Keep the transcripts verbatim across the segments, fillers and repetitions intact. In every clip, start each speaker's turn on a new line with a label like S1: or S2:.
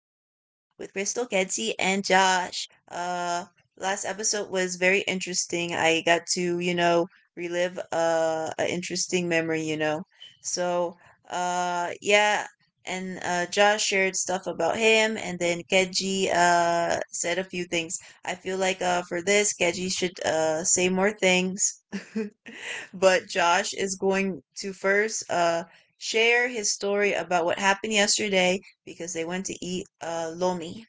S1: with Crystal, Kenzie, and Josh. Uh, Last episode was very interesting. I got to, you know, relive uh, a interesting memory, you know. So, uh, yeah, and uh, Josh shared stuff about him, and then Kenji uh said a few things. I feel like uh for this, Kenji should uh say more things. But Josh is going to first uh, share his story about what happened yesterday because they went to eat uh, lomi.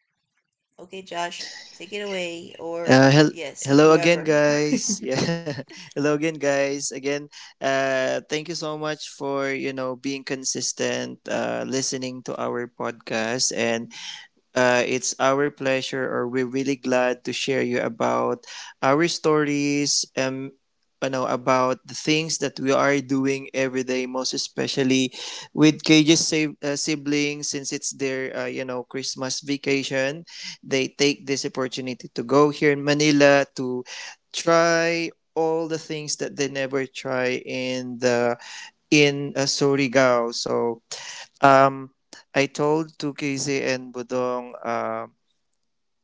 S1: Okay, Josh, take it away, or
S2: Uh, hel-
S1: yes,
S2: Hello again,
S1: whoever.
S2: guys. Yeah, hello again, guys. Again, uh, thank you so much for you know being consistent, uh, listening to our podcast, and uh, it's our pleasure, or we're really glad to share you about our stories, um, you know, about the things that we are doing every day, most especially with Cage's sa- uh, siblings, since it's their, uh, you know, Christmas vacation. They take this opportunity to go here in Manila to try all the things that they never try in the in uh, Surigao. So um, I told to K Z and Budong, uh,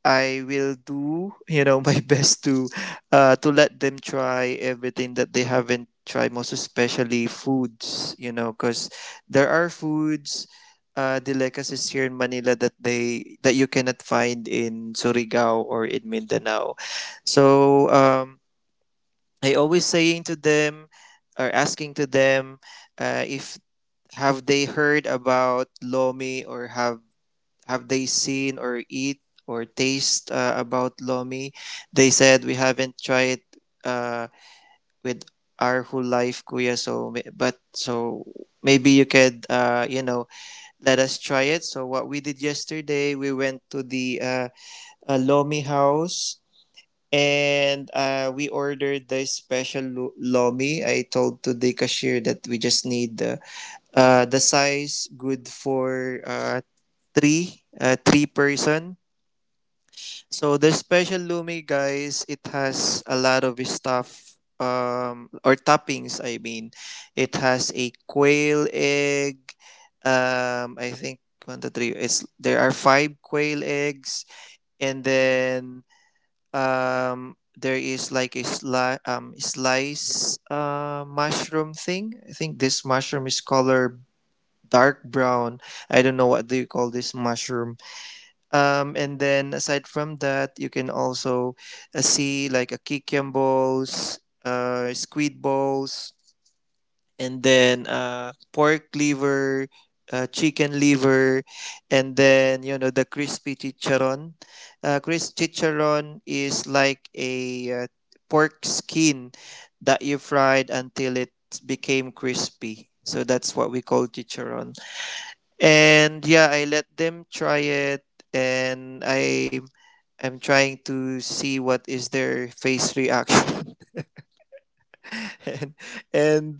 S2: I will do, you know, my best to, uh, to let them try everything that they haven't tried, most especially foods, you know, because there are foods, uh, delicacies here in Manila that they that you cannot find in Surigao or in Mindanao. So um, I always saying to them or asking to them uh, if have they heard about lomi, or have have they seen or eat or taste uh, about lomi. They said, we haven't tried, uh, with our whole life, kuya. So may- but so maybe you could, uh, you know let us try it. So what we did yesterday, we went to the uh, uh, lomi house, and uh, we ordered the special lo- lomi. I told to the cashier that we just need, uh, uh, the size good for uh, three uh, three person. So the special lumi, guys, it has a lot of stuff, um, or toppings, I mean. It has a quail egg, um, I think one to three. It's There are five quail eggs. And then, um, there is like a sli- um, slice uh, mushroom thing. I think this mushroom is color dark brown. I don't know what do you call this mushroom. Um, and then aside from that, you can also uh, see like a kikiam balls, uh, squid balls, and then uh, pork liver, uh, chicken liver, and then you know the crispy chicharon. Uh, crispy chicharon is like a uh, pork skin that you fried until it became crispy. So that's what we call chicharon. And yeah, I let them try it, and I am trying to see what is their face reaction. and, and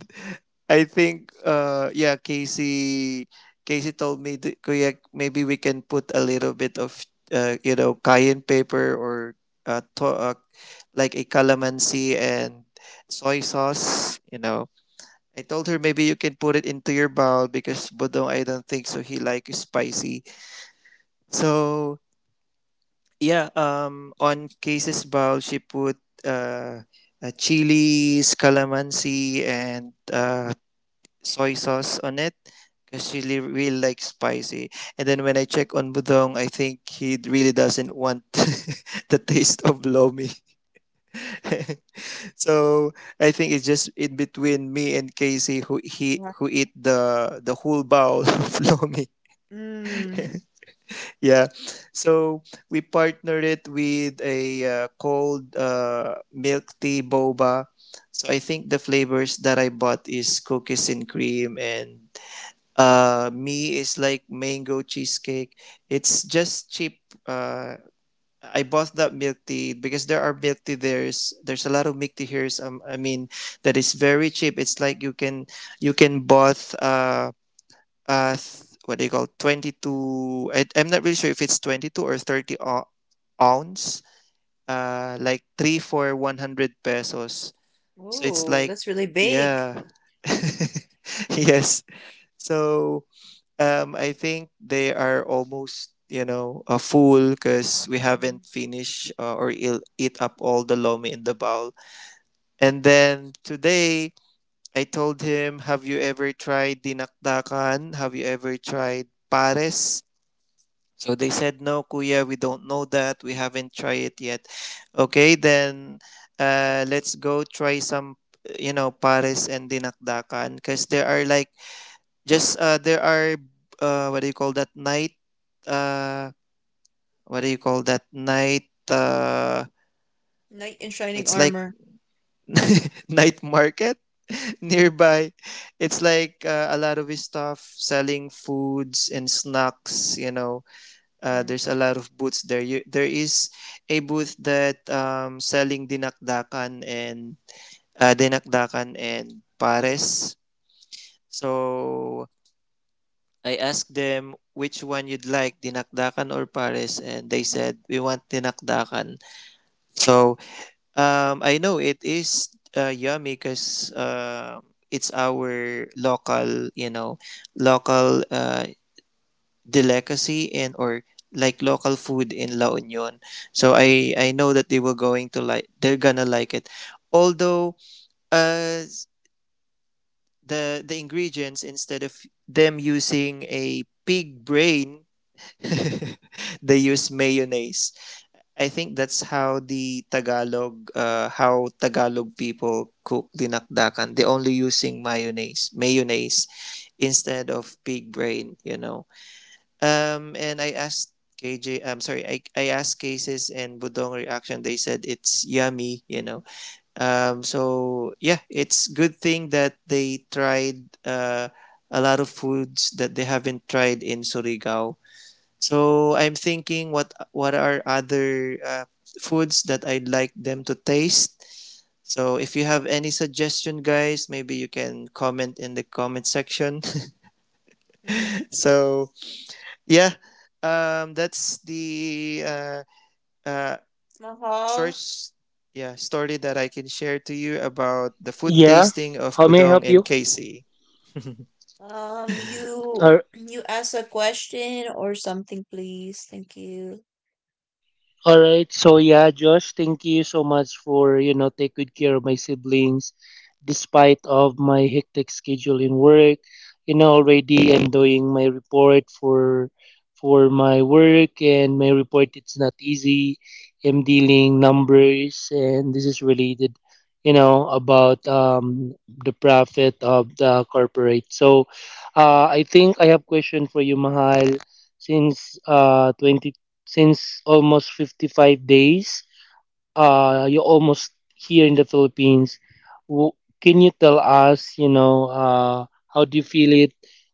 S2: I think uh yeah, Casey Casey told me that, kuya, maybe we can put a little bit of, uh, you know, cayenne pepper or uh, to- uh like a calamansi and soy sauce, you know. I told her, maybe you can put it into your bowl because Bodong, I don't think so he likes spicy. So yeah, um, on cases bowl, she put, uh, uh, chilies, calamansi, and uh, soy sauce on it because she li- really likes spicy. And then when I check on Budong, I think he really doesn't want the taste of lomi. So I think it's just in between me and Casey who he
S1: Yeah.
S2: who eat the the whole bowl of lomi.
S1: Mm.
S2: Yeah. So we partnered it with a uh, cold uh, milk tea boba. So I think the flavors that I bought is cookies and cream, and uh me is like mango cheesecake. It's just cheap. Uh I bought that milk tea because there are milk tea there's there's a lot of milk tea here. So, um, I mean, that is very cheap. It's like you can you can bought uh uh what do you call, twenty-two, I, I'm not really sure if it's twenty-two or thirty ou- ounce, uh like three for one hundred pesos. So it's
S1: Oh,
S2: like,
S1: that's really big.
S2: yeah, yes. So um I think they are almost, you know, a full because we
S1: Mm.
S2: haven't finished, uh, or eat up all the lomi in the bowl. And then today I told him, have you ever tried dinakdakan? Have you ever tried pares? So they said, no, kuya, we don't know that. We haven't tried it yet. Okay, then, uh, let's go try some, you know, pares and dinakdakan. Because there are like, just, uh, there are, uh, what do you call that night? Uh, what do you call that night? Uh,
S1: Knight in shining
S2: it's like
S1: armor.
S2: night market nearby. It's like uh, a lot of stuff selling foods and snacks, you know. Uh,
S1: Mm.
S2: there's a lot of booths there. You, there is a booth that um, selling dinakdakan and uh, dinakdakan and pares. So I asked them, which one you'd like, dinakdakan or pares? And they said, we want dinakdakan. So um, I know it is uh, yummy because uh, it's our local, you know, local uh, delicacy, in or like local food in La Union. So I I know that they were going to like they're gonna like it. Although uh the the ingredients, instead of them using a pig brain, they use mayonnaise. I think that's how the Tagalog uh how Tagalog people cook dinakdakan. They only using mayonnaise, mayonnaise instead of pig brain, you know. Um, and I asked K J, I'm sorry, I, I asked Cases and Budong reaction. They said it's yummy, you know. Um, so yeah, it's good thing that they tried, uh, a lot of foods that they haven't tried in Surigao. So I'm thinking, what what are other, uh, foods that I'd like them to taste. So if you have any suggestion, guys, maybe you can comment in the comment section.
S1: Mm.
S2: so yeah, um, that's the uh, uh, short
S1: Mahal,
S2: s- yeah story that I can share to you about the food
S3: Yeah,
S2: tasting of
S3: how may I
S2: Budong
S3: help
S2: and
S3: you?
S2: Casey.
S1: um, you
S3: All
S1: you ask a question or something, please. Thank you.
S3: All right. So yeah, Josh, thank you so much for you know take good care of my siblings, despite of my hectic schedule in work. You know, already I'm doing my report for for my work, and my report it's not easy. I'm dealing numbers, and this is related, you know, about um the profit of the corporate. So, uh, I think I have question for you, Mahal. Since uh since almost fifty-five days. Uh, you're almost here in the Philippines. W- Can you tell us, you know, uh, how do you feel it?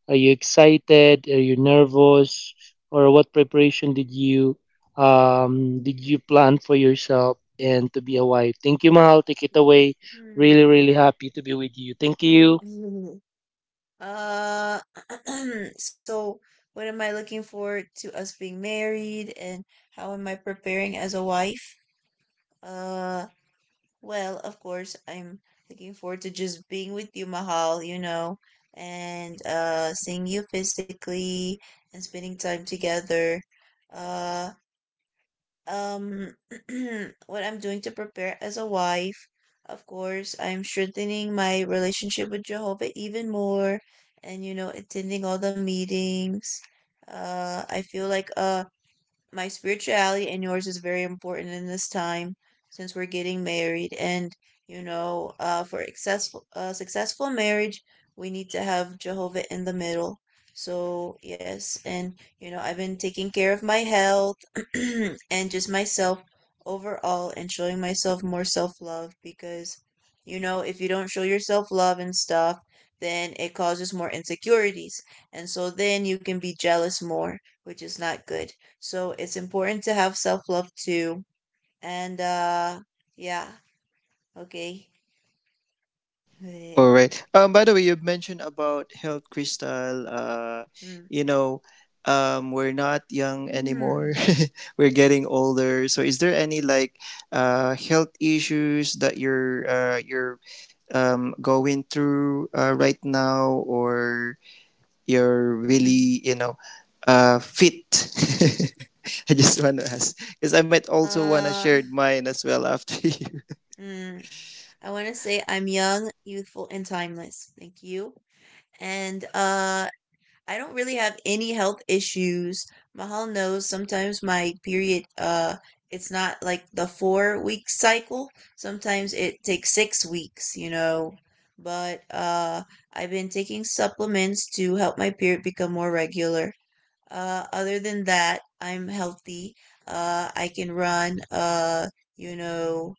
S3: Are you excited? Are you nervous? Or what preparation did you um, did you plan for yourself and to be a wife? Thank you, Mahal. Take it away.
S1: Hmm.
S3: Really, really happy to be with you. Thank you.
S1: Uh, so what am I looking forward to us being married and how am I preparing as a wife? Uh, well, of course, I'm looking forward to just being with you, Mahal, you know, and uh seeing you physically and spending time together. Uh. Um, what I'm doing to prepare as a wife, of course, I'm strengthening my relationship with Jehovah even more and, you know, attending all the meetings. Uh, I feel like uh, my spirituality and yours is very important in this time since we're getting married, and you know uh, for successful uh, successful marriage, we need to have Jehovah in the middle. So yes, and you know I've been taking care of my health and just myself overall, and showing myself more self-love, because you know if you don't show yourself love and stuff, then it causes more insecurities, and so then you can be jealous more, which is not good. So it's important to have self love too. And uh yeah, okay.
S2: All
S1: Eh,
S2: right. Um, by the way, you mentioned about health, crystal. Uh,
S1: mm,
S2: you know, um, we're not young anymore.
S1: mm,
S2: We're getting older. So, is there any like, uh, health issues that you're uh, you're, um, going through uh, right now, or you're
S1: mm.
S2: really, you know, uh, fit? I just want to ask because I might also want to
S1: Uh,
S2: share mine as well after you.
S1: mm. I want to say I'm young, youthful, and timeless. Thank you. And uh I don't really have any health issues. Mahal knows sometimes my period uh it's not like the four week cycle. Sometimes it takes six weeks, you know. But uh I've been taking supplements to help my period become more regular. Uh other than that, I'm healthy. Uh I can run uh you know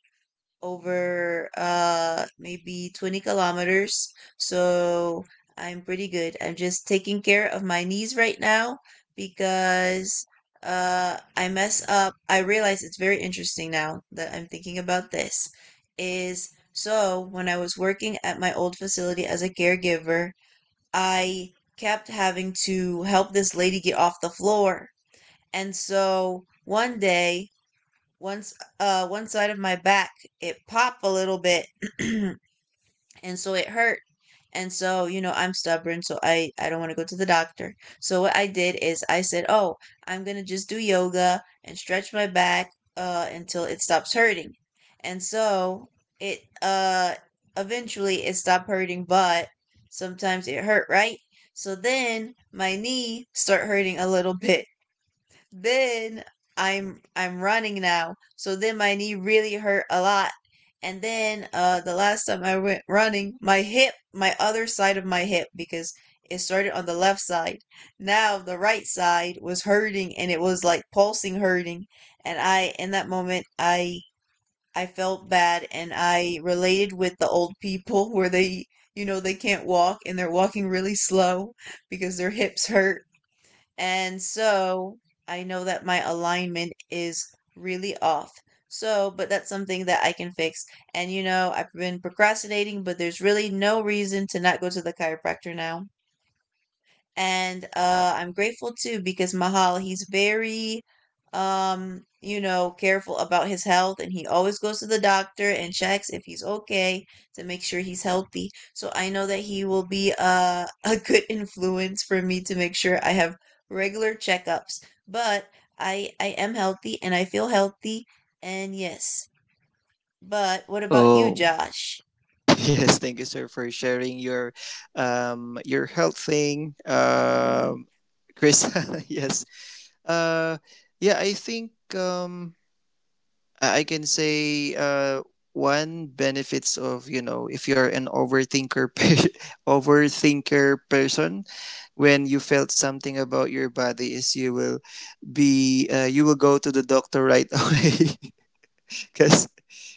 S1: over uh maybe twenty kilometers. So I'm pretty good. I'm just taking care of my knees right now because uh I mess up. I realize it's very interesting now that I'm thinking about this is so when I was working at my old facility as a caregiver, I kept having to help this lady get off the floor. And so one day, once uh one side of my back it popped a little bit and so it hurt. And so you know I'm stubborn, so i i don't want to go to the doctor. So what I did is I said, "Oh, I'm gonna just do yoga and stretch my back uh until it stops hurting." And so it uh eventually it stopped hurting, but sometimes it hurt, right? So then my knee start hurting a little bit. Then I'm I'm running now, so then my knee really hurt a lot. And then uh, the last time I went running, my hip, my other side of my hip, because it started on the left side. Now the right side was hurting, and it was like pulsing hurting. And I, in that moment, I I felt bad, and I related with the old people where they, you know, they can't walk and they're walking really slow because their hips hurt. And so I know that my alignment is really off. So, but that's something that I can fix. And you know, I've been procrastinating, but there's really no reason to not go to the chiropractor now. And uh, I'm grateful too because Mahal, he's very um you know careful about his health, and he always goes to the doctor and checks if he's okay to make sure he's healthy. So I know that he will be uh, a good influence for me to make sure I have regular checkups. But I I am healthy and I feel healthy, and yes. But what about you,
S2: Oh.
S1: Josh?
S2: Yes, thank you, sir, for sharing your, um, your health thing, um, Chris. Yes, uh, yeah, I think, um, I I can say, uh, one benefits of, you know, if you're an overthinker pe- overthinker person, when you felt something about your body, is you will be uh, you will go to the doctor right away, because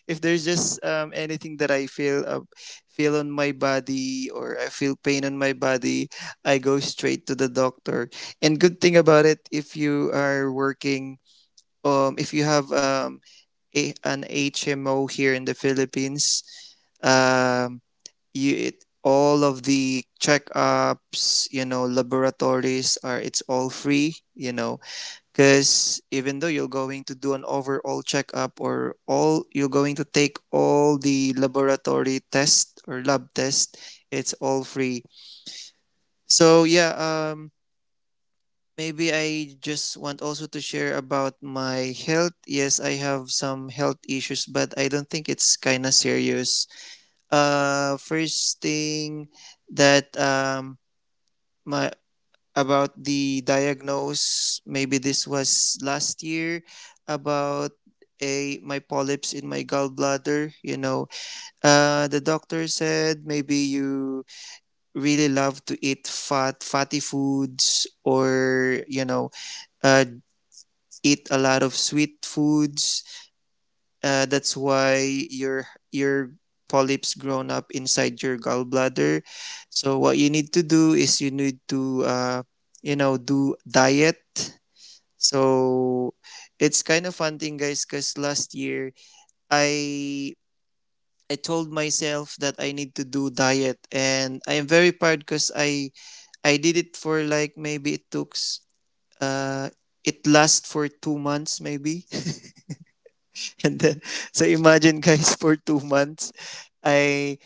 S2: if there's just, um, anything that I feel uh, feel on my body, or I feel pain on my body, I go straight to the doctor. And good thing about it, if you are working, um, if you have, um, a, an H M O here in the Philippines, um, you it, all of the checkups, you know, laboratories are it's all free, you know, because even though you're going to do an overall checkup, or all you're going to take all the laboratory test or lab test, it's all free. So yeah, um, maybe I just want also to share about my health. Yes, I have some health issues, but I don't think it's kind of serious. Uh, first thing that, um my about the diagnose. Maybe this was last year, about a my polyps in my gallbladder. You know, uh, the doctor said, maybe you really love to eat fat fatty foods, or you know, uh, eat a lot of sweet foods. Uh, that's why your your polyps grown up inside your gallbladder. So what you need to do is you need to, uh, you know, do diet. So it's kind of fun thing, guys, because last year, I I told myself that I need to do diet, and I am very proud because I I did it for like, maybe it took s- uh it lasts for two months maybe. And then, so imagine, guys, for two months, I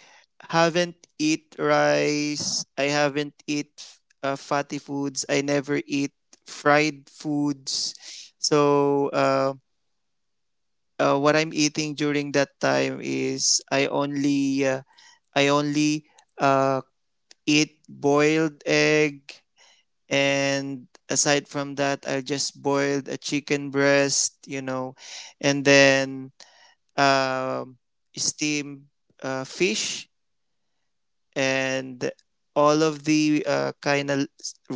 S2: haven't eat rice. I haven't eat, uh, fatty foods. I never eat fried foods. So uh, uh, what I'm eating during that time is I only uh, I only, uh, eat boiled egg, and aside from that, I just boiled a chicken breast, you know, and then, um, steamed uh, fish, and all of the, uh, kind of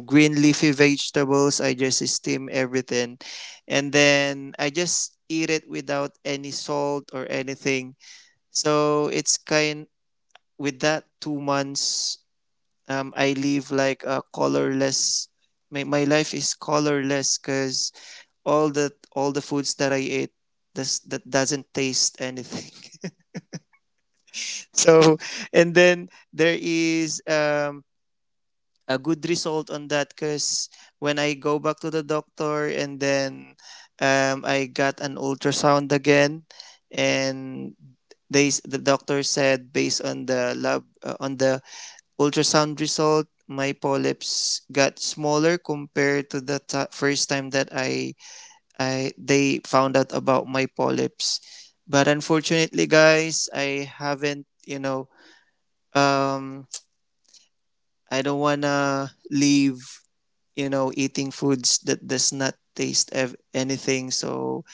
S2: green leafy vegetables. I just steam everything, and then I just eat it without any salt or anything. So it's kind with that two months. Um, I live like a colorless. My, my life is colorless because all the all the foods that I ate does that doesn't taste anything. So and then there is, um, a good result on that because when I go back to the doctor, and then, um, I got an ultrasound again, and they s- the doctor said, based on the lab, uh, on the ultrasound result, my polyps got smaller compared to the ti first time that i i they found out about my polyps. But unfortunately, guys, I haven't, you know, um I don't wanna leave, you know, eating foods that does not taste ev- anything. So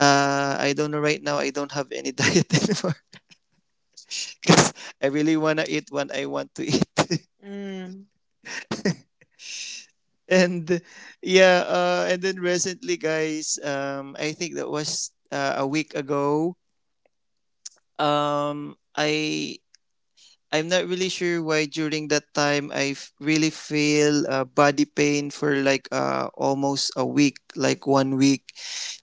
S2: uh, I don't know. Right now, I don't have any diet anymore because I really wanna eat what I want to eat.
S1: Mm,
S2: And yeah, uh, and then recently, guys, um, I think that was uh, a week ago. Um, I I'm not really sure why during that time I f- really feel uh, body pain for like uh, almost a week, like one week.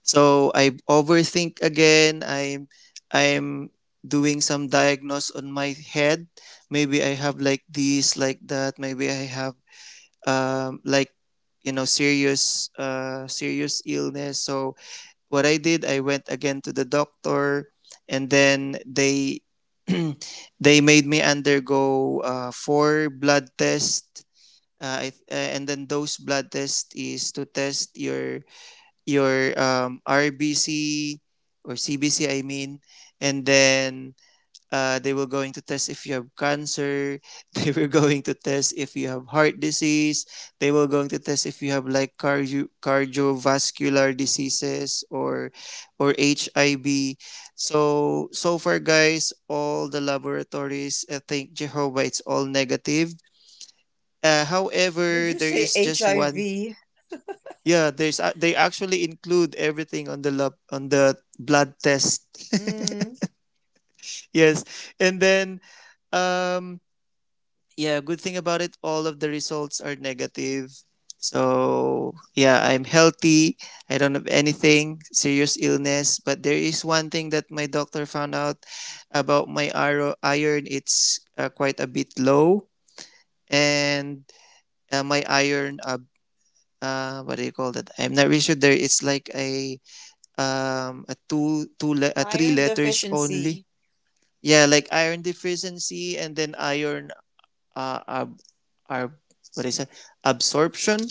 S2: So I overthink again. I'm I'm doing some diagnose on my head. Maybe I have like this, like that. Maybe I have um, like you know serious uh, serious illness. So what I did, I went again to the doctor, and then they they made me undergo uh, four blood tests. Uh, I, uh, and then those blood tests is to test your your um, R B C or C B C, I mean, and then uh, they were going to test if you have cancer. They were going to test if you have heart disease. They were going to test if you have like cardio- cardiovascular diseases or or H I V. So so far, guys, all the laboratories, I think Jehovah, it's all negative. Uh,
S1: did
S2: however,
S1: you
S2: there
S1: say
S2: is just one.
S1: H I V?
S2: Yeah, there's a- they actually include everything on the lab on the blood test.
S1: Mm.
S2: Yes, and then um yeah, good thing about it, all of the results are negative. So, yeah, I'm healthy. I don't have anything serious illness, but there is one thing that my doctor found out about my iro- iron. It's uh, quite a bit low, and uh, my iron. Uh, uh, what do you call that? I'm not really sure. There is like a um a two two le- a three
S1: Iron
S2: letters only.
S1: deficiency.
S2: Yeah, like iron deficiency and then iron uh, ab- ab- what is it? Absorption,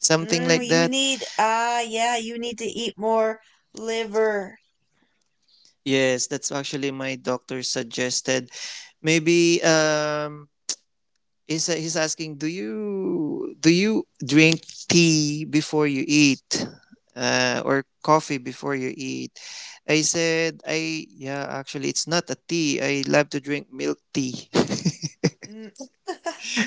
S2: something
S1: Mm,
S2: like
S1: you
S2: that.
S1: need, ah, yeah, you need to eat more liver.
S2: Yes, that's actually my doctor suggested. Maybe um, he's he's asking, do you do you drink tea before you eat, uh, or coffee before you eat? I said, I yeah, actually, it's not a tea. I love to drink milk tea.
S1: Mm.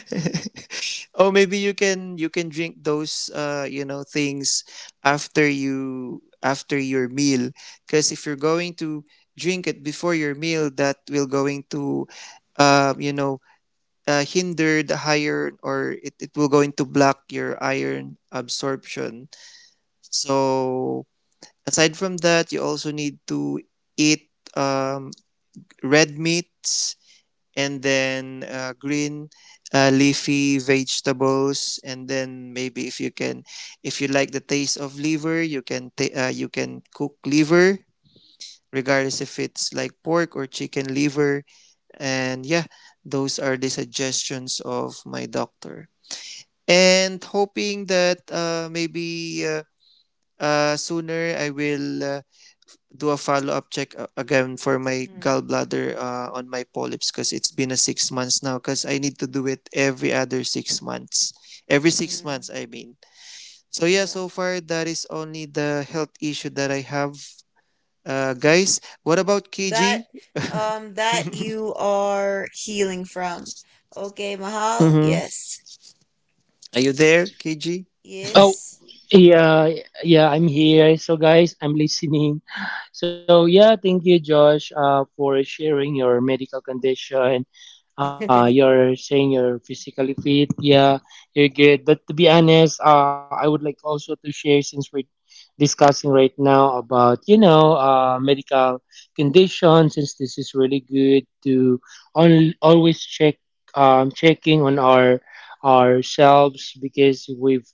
S2: Oh, maybe you can you can drink those uh you know things after you after your meal because if you're going to drink it before your meal that will going to uh you know uh, hinder the iron or it, it will going to block your iron absorption. So aside from that you also need to eat um red meats and then uh, green uh, leafy vegetables, and then maybe if you can, if you like the taste of liver, you can ta- uh, you can cook liver regardless if it's like pork or chicken liver. And yeah, those are the suggestions of my doctor, and hoping that uh, maybe uh, uh, sooner I will uh, do a follow up check a- again for my
S1: Mm,
S2: gallbladder uh, on my polyps because it's been a six months now because I need to do it every other six months. Every six months,
S1: mm,
S2: I mean. So, yeah,
S1: yeah.
S2: so far that is only the health issue that I have. Uh,
S1: Hmm.
S2: guys, what about
S1: That,
S2: K G?
S1: um, that you are healing from. Okay, Mahal.
S2: Mm-hmm.
S1: Yes.
S2: Are you there, K G?
S3: Oh,
S1: Yes.
S3: yeah, yeah, I'm here. So guys, I'm listening. So yeah, thank you, Josh, uh, for sharing your medical condition, uh, you're saying you're physically fit, yeah, you're good. But to be honest, uh, I would like also to share since we're discussing right now about you know uh, medical conditions. Since this is really good to on, always check um, checking on our ourselves because we've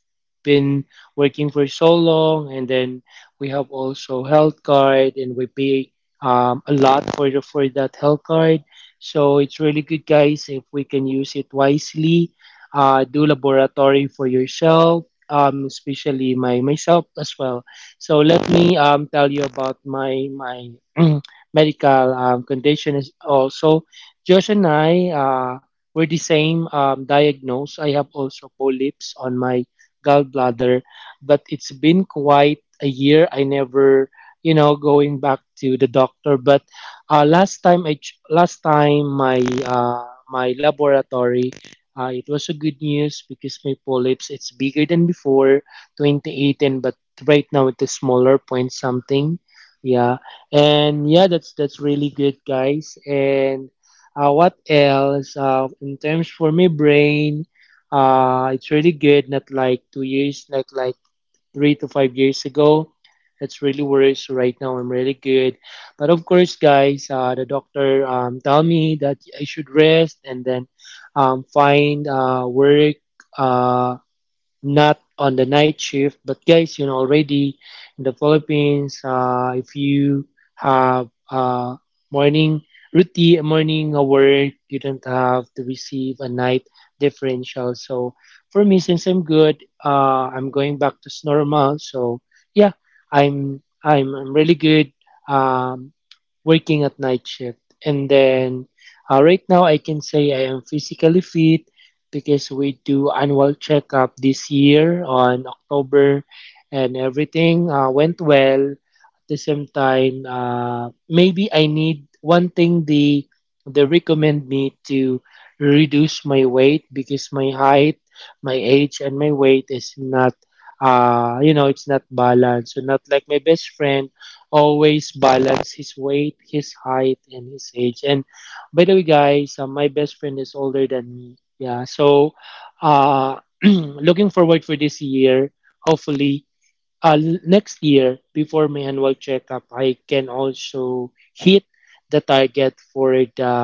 S3: been working for so long, and then we have also health card and we pay um, a lot for the, for that health card, so it's really good, guys, if we can use it wisely. Uh, do laboratory for yourself, um, especially my myself as well. So let me um, tell you about my my medical um, condition is also. Josh and I uh, were the same, um, diagnosed. I have also polyps on my gallbladder, but it's been quite a year. I never, you know, going back to the doctor, but Uh, last time I ch- last time my uh, my laboratory, uh, it was a good news because my polyps it's bigger than before twenty eighteen, but right now it is smaller point something. Yeah. And yeah, that's that's really good, guys. And uh, what else, uh, in terms for my brain, uh, it's really good, not like two years, like like three to five years ago. It's really worse. Right now, I'm really good. But of course, guys, uh, the doctor um, tell me that I should rest and then um, find uh, work. Uh, not on the night shift, but guys, you know already in the Philippines, uh, if you have a morning routine, uh, morning work, you don't have to receive a night differential. So for me, since I'm good, uh, I'm going back to normal. So yeah, i'm i'm, I'm really good um, working at night shift. And then, uh, right now I can say I am physically fit because we do annual checkup this year on October and everything, uh, went well. At the same time, uh, maybe I need one thing they they recommend me to reduce my weight because my height, my age, and my weight is not uh you know it's not balanced. So not like my best friend always balance his weight, his height, and his age. And by the way, guys, uh, my best friend is older than me. Yeah. So, uh, looking forward for this year. Hopefully, uh, l- next year before my annual checkup, I can also hit the target for the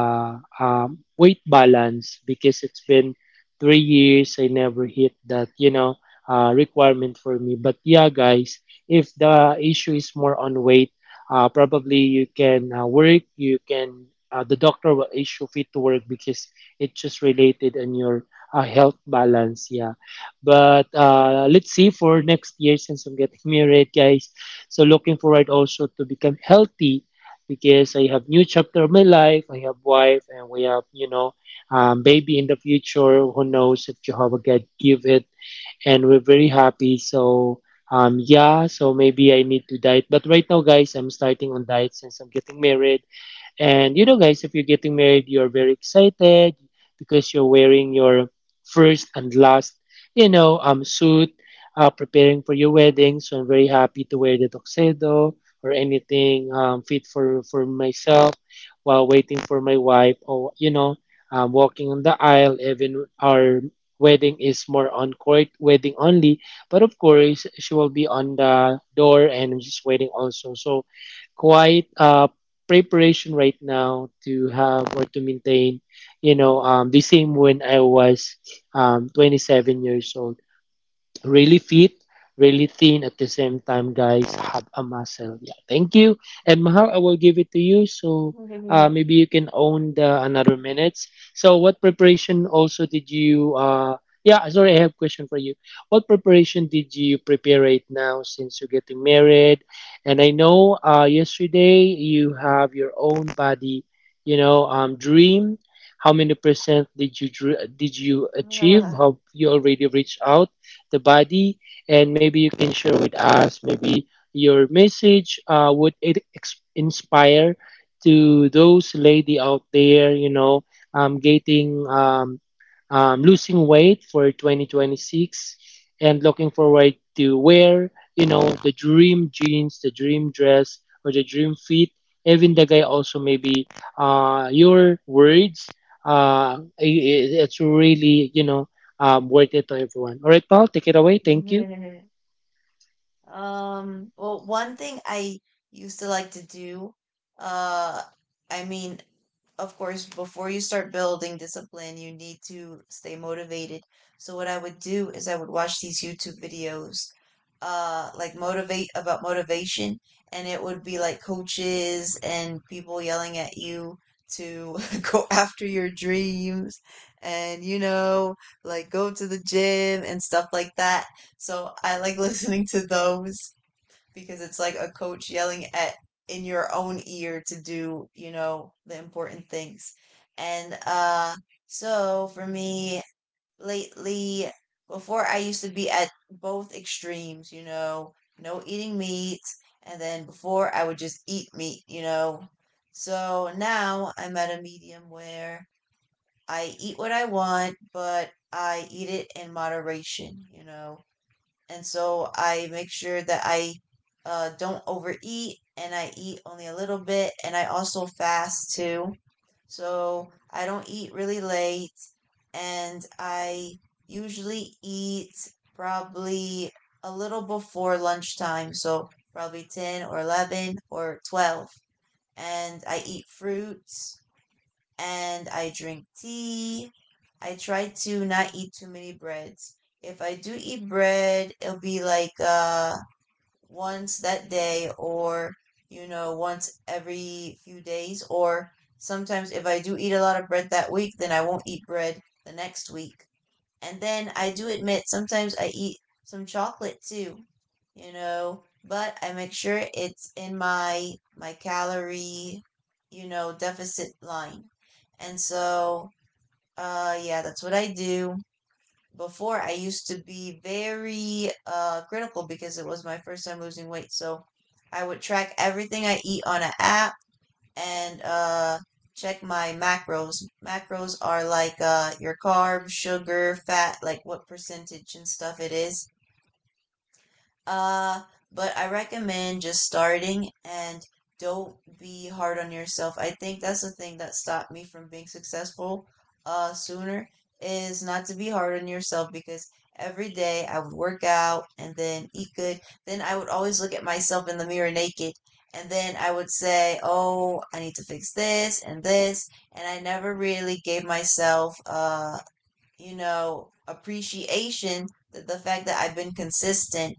S3: um, weight balance, because it's been three years I never hit that, you know, uh, requirement for me. But yeah, guys, if the issue is more on weight, uh, probably you can uh, work. You can uh, the doctor will issue fit to work because it's just related on your uh, health balance. Yeah. But uh, let's see for next year since I'm getting married, guys. So looking forward also to become healthy because I have new chapter of my life. I have wife and we have, you know, um, baby in the future. Who knows if Jehovah God give it? And we're very happy. So um, yeah. So maybe I need to diet. But right now, guys, I'm starting on diet since I'm getting married. And you know, guys, if you're getting married, you're very excited because you're wearing your first and last, you know, um, suit, uh, preparing for your wedding. So I'm very happy to wear the tuxedo or anything um, fit for for myself while waiting for my wife, or you know, um, walking on the aisle. Even our wedding is more on court wedding only, but of course she will be on the door and I'm just waiting also. So quite uh, preparation right now to have or to maintain, you know, um, the same when I was um, twenty-seven years old. Really fit, really thin at the same time, guys. Have a muscle. Yeah, thank you. And Mahal, I will give it to you. So uh, maybe you can own the another minutes. So what preparation also did you? Uh, yeah, sorry, I have a question for you. What preparation did you prepare right now since you're getting married? And I know uh, yesterday you have your own body, you know, um, dream. How many percent did you dr- did you achieve?
S1: Ah.
S3: Have you already reached out? The body, and maybe you can share with us maybe your message. Uh, would it ex- inspire to those lady out there, you know, um, getting um, um, losing weight for twenty twenty-six and looking forward to wear, you know, the dream jeans, the dream dress, or the dream fit. Even the guy also maybe uh, your words. Uh, i i- it's really, you know, um, worth it to everyone. All right, Paul, take it away. Thank you.
S1: Um, well, one thing I used to like to do, uh, I mean, of course, before you start building discipline, you need to stay motivated. So what I would do is I would watch these YouTube videos, uh, like motivate about motivation, and it would be like coaches and people yelling at you to go after your dreams, and you know, like, go to the gym and stuff like that. So I like listening to those because it's like a coach yelling at in your own ear to do, you know, the important things. And uh so for me lately, before I used to be at both extremes, you know, no eating meat, and then before I would just eat meat, you know. So now I'm at a medium where I eat what I want, but I eat it in moderation, you know and so I make sure that I uh, don't overeat, and I eat only a little bit, and I also fast too. So I don't eat really late, and I usually eat probably a little before lunchtime, so probably ten or eleven or twelve. And I eat fruits and I drink tea. I try to not eat too many breads. If I do eat bread, it'll be like uh once that day, or you know once every few days, or sometimes if I do eat a lot of bread that week, then I won't eat bread the next week. And then I do admit sometimes I eat some chocolate too, you know, but I make sure it's in my my calorie, you know, deficit line. And so, uh yeah, that's what I do. Before I used to be very uh critical because it was my first time losing weight. So, I would track everything I eat on an app and uh, check my macros. Macros are like uh, your carbs, sugar, fat, like what percentage and stuff it is. Uh, but I recommend just starting, and don't be hard on yourself. I think that's the thing that stopped me from being successful uh sooner, is not to be hard on yourself, because every day I would work out and then eat good. Then I would always look at myself in the mirror naked, and then I would say, "Oh, I need to fix this and this." And I never really gave myself uh, you know, appreciation that the fact that I've been consistent,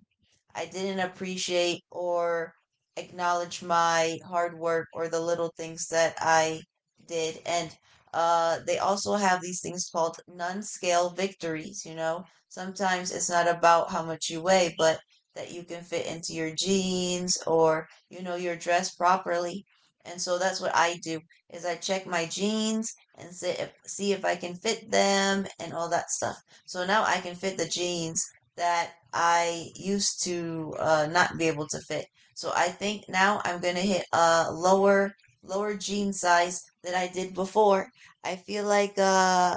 S1: I didn't appreciate or acknowledge my hard work or the little things that I did. And uh, they also have these things called non scale victories. You know, sometimes it's not about how much you weigh, but that you can fit into your jeans, or, you know, you're dressed properly. And so that's what I do is I check my jeans and see if, see if I can fit them and all that stuff. So now I can fit the jeans that I used to uh, not be able to fit. So I think now I'm gonna hit a lower lower jean size than I did before. I feel like uh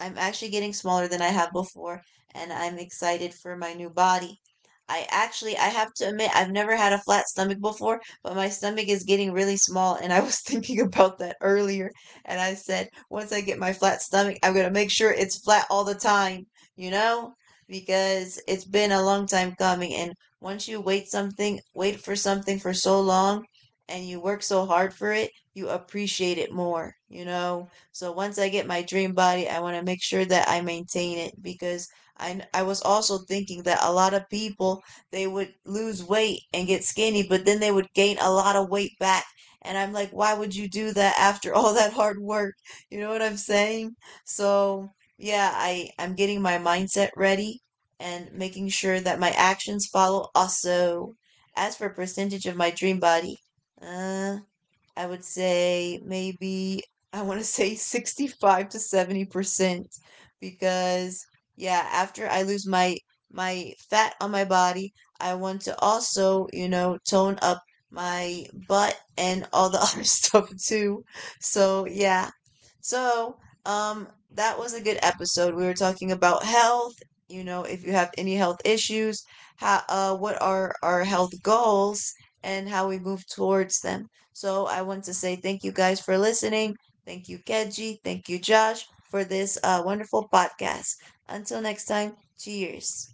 S1: I'm actually getting smaller than I have before, and I'm excited for my new body. I actually, I have to admit, I've never had a flat stomach before, but my stomach is getting really small, and I was thinking about that earlier. And I said, once I get my flat stomach, I'm gonna make sure it's flat all the time, you know, because it's been a long time coming. And once you wait something, wait for something for so long, and you work so hard for it, you appreciate it more, you know. So once I get my dream body, I want to make sure that I maintain it because I I was also thinking that a lot of people, they would lose weight and get skinny, but then they would gain a lot of weight back. And I'm like, why would you do that after all that hard work? You know what I'm saying? So yeah, I I'm getting my mindset ready and making sure that my actions follow also. As for percentage of my dream body, uh I would say maybe I want to say sixty-five to seventy percent because yeah, after I lose my my fat on my body, I want to also, you know, tone up my butt and all the other stuff too. So, yeah. So, um that was a good episode. We were talking about health, you know, if you have any health issues, how uh what are our health goals and how we move towards them. So I want to say thank you guys for listening. Thank you, Keji. Thank you, Josh, for this uh, wonderful podcast. Until next time, cheers.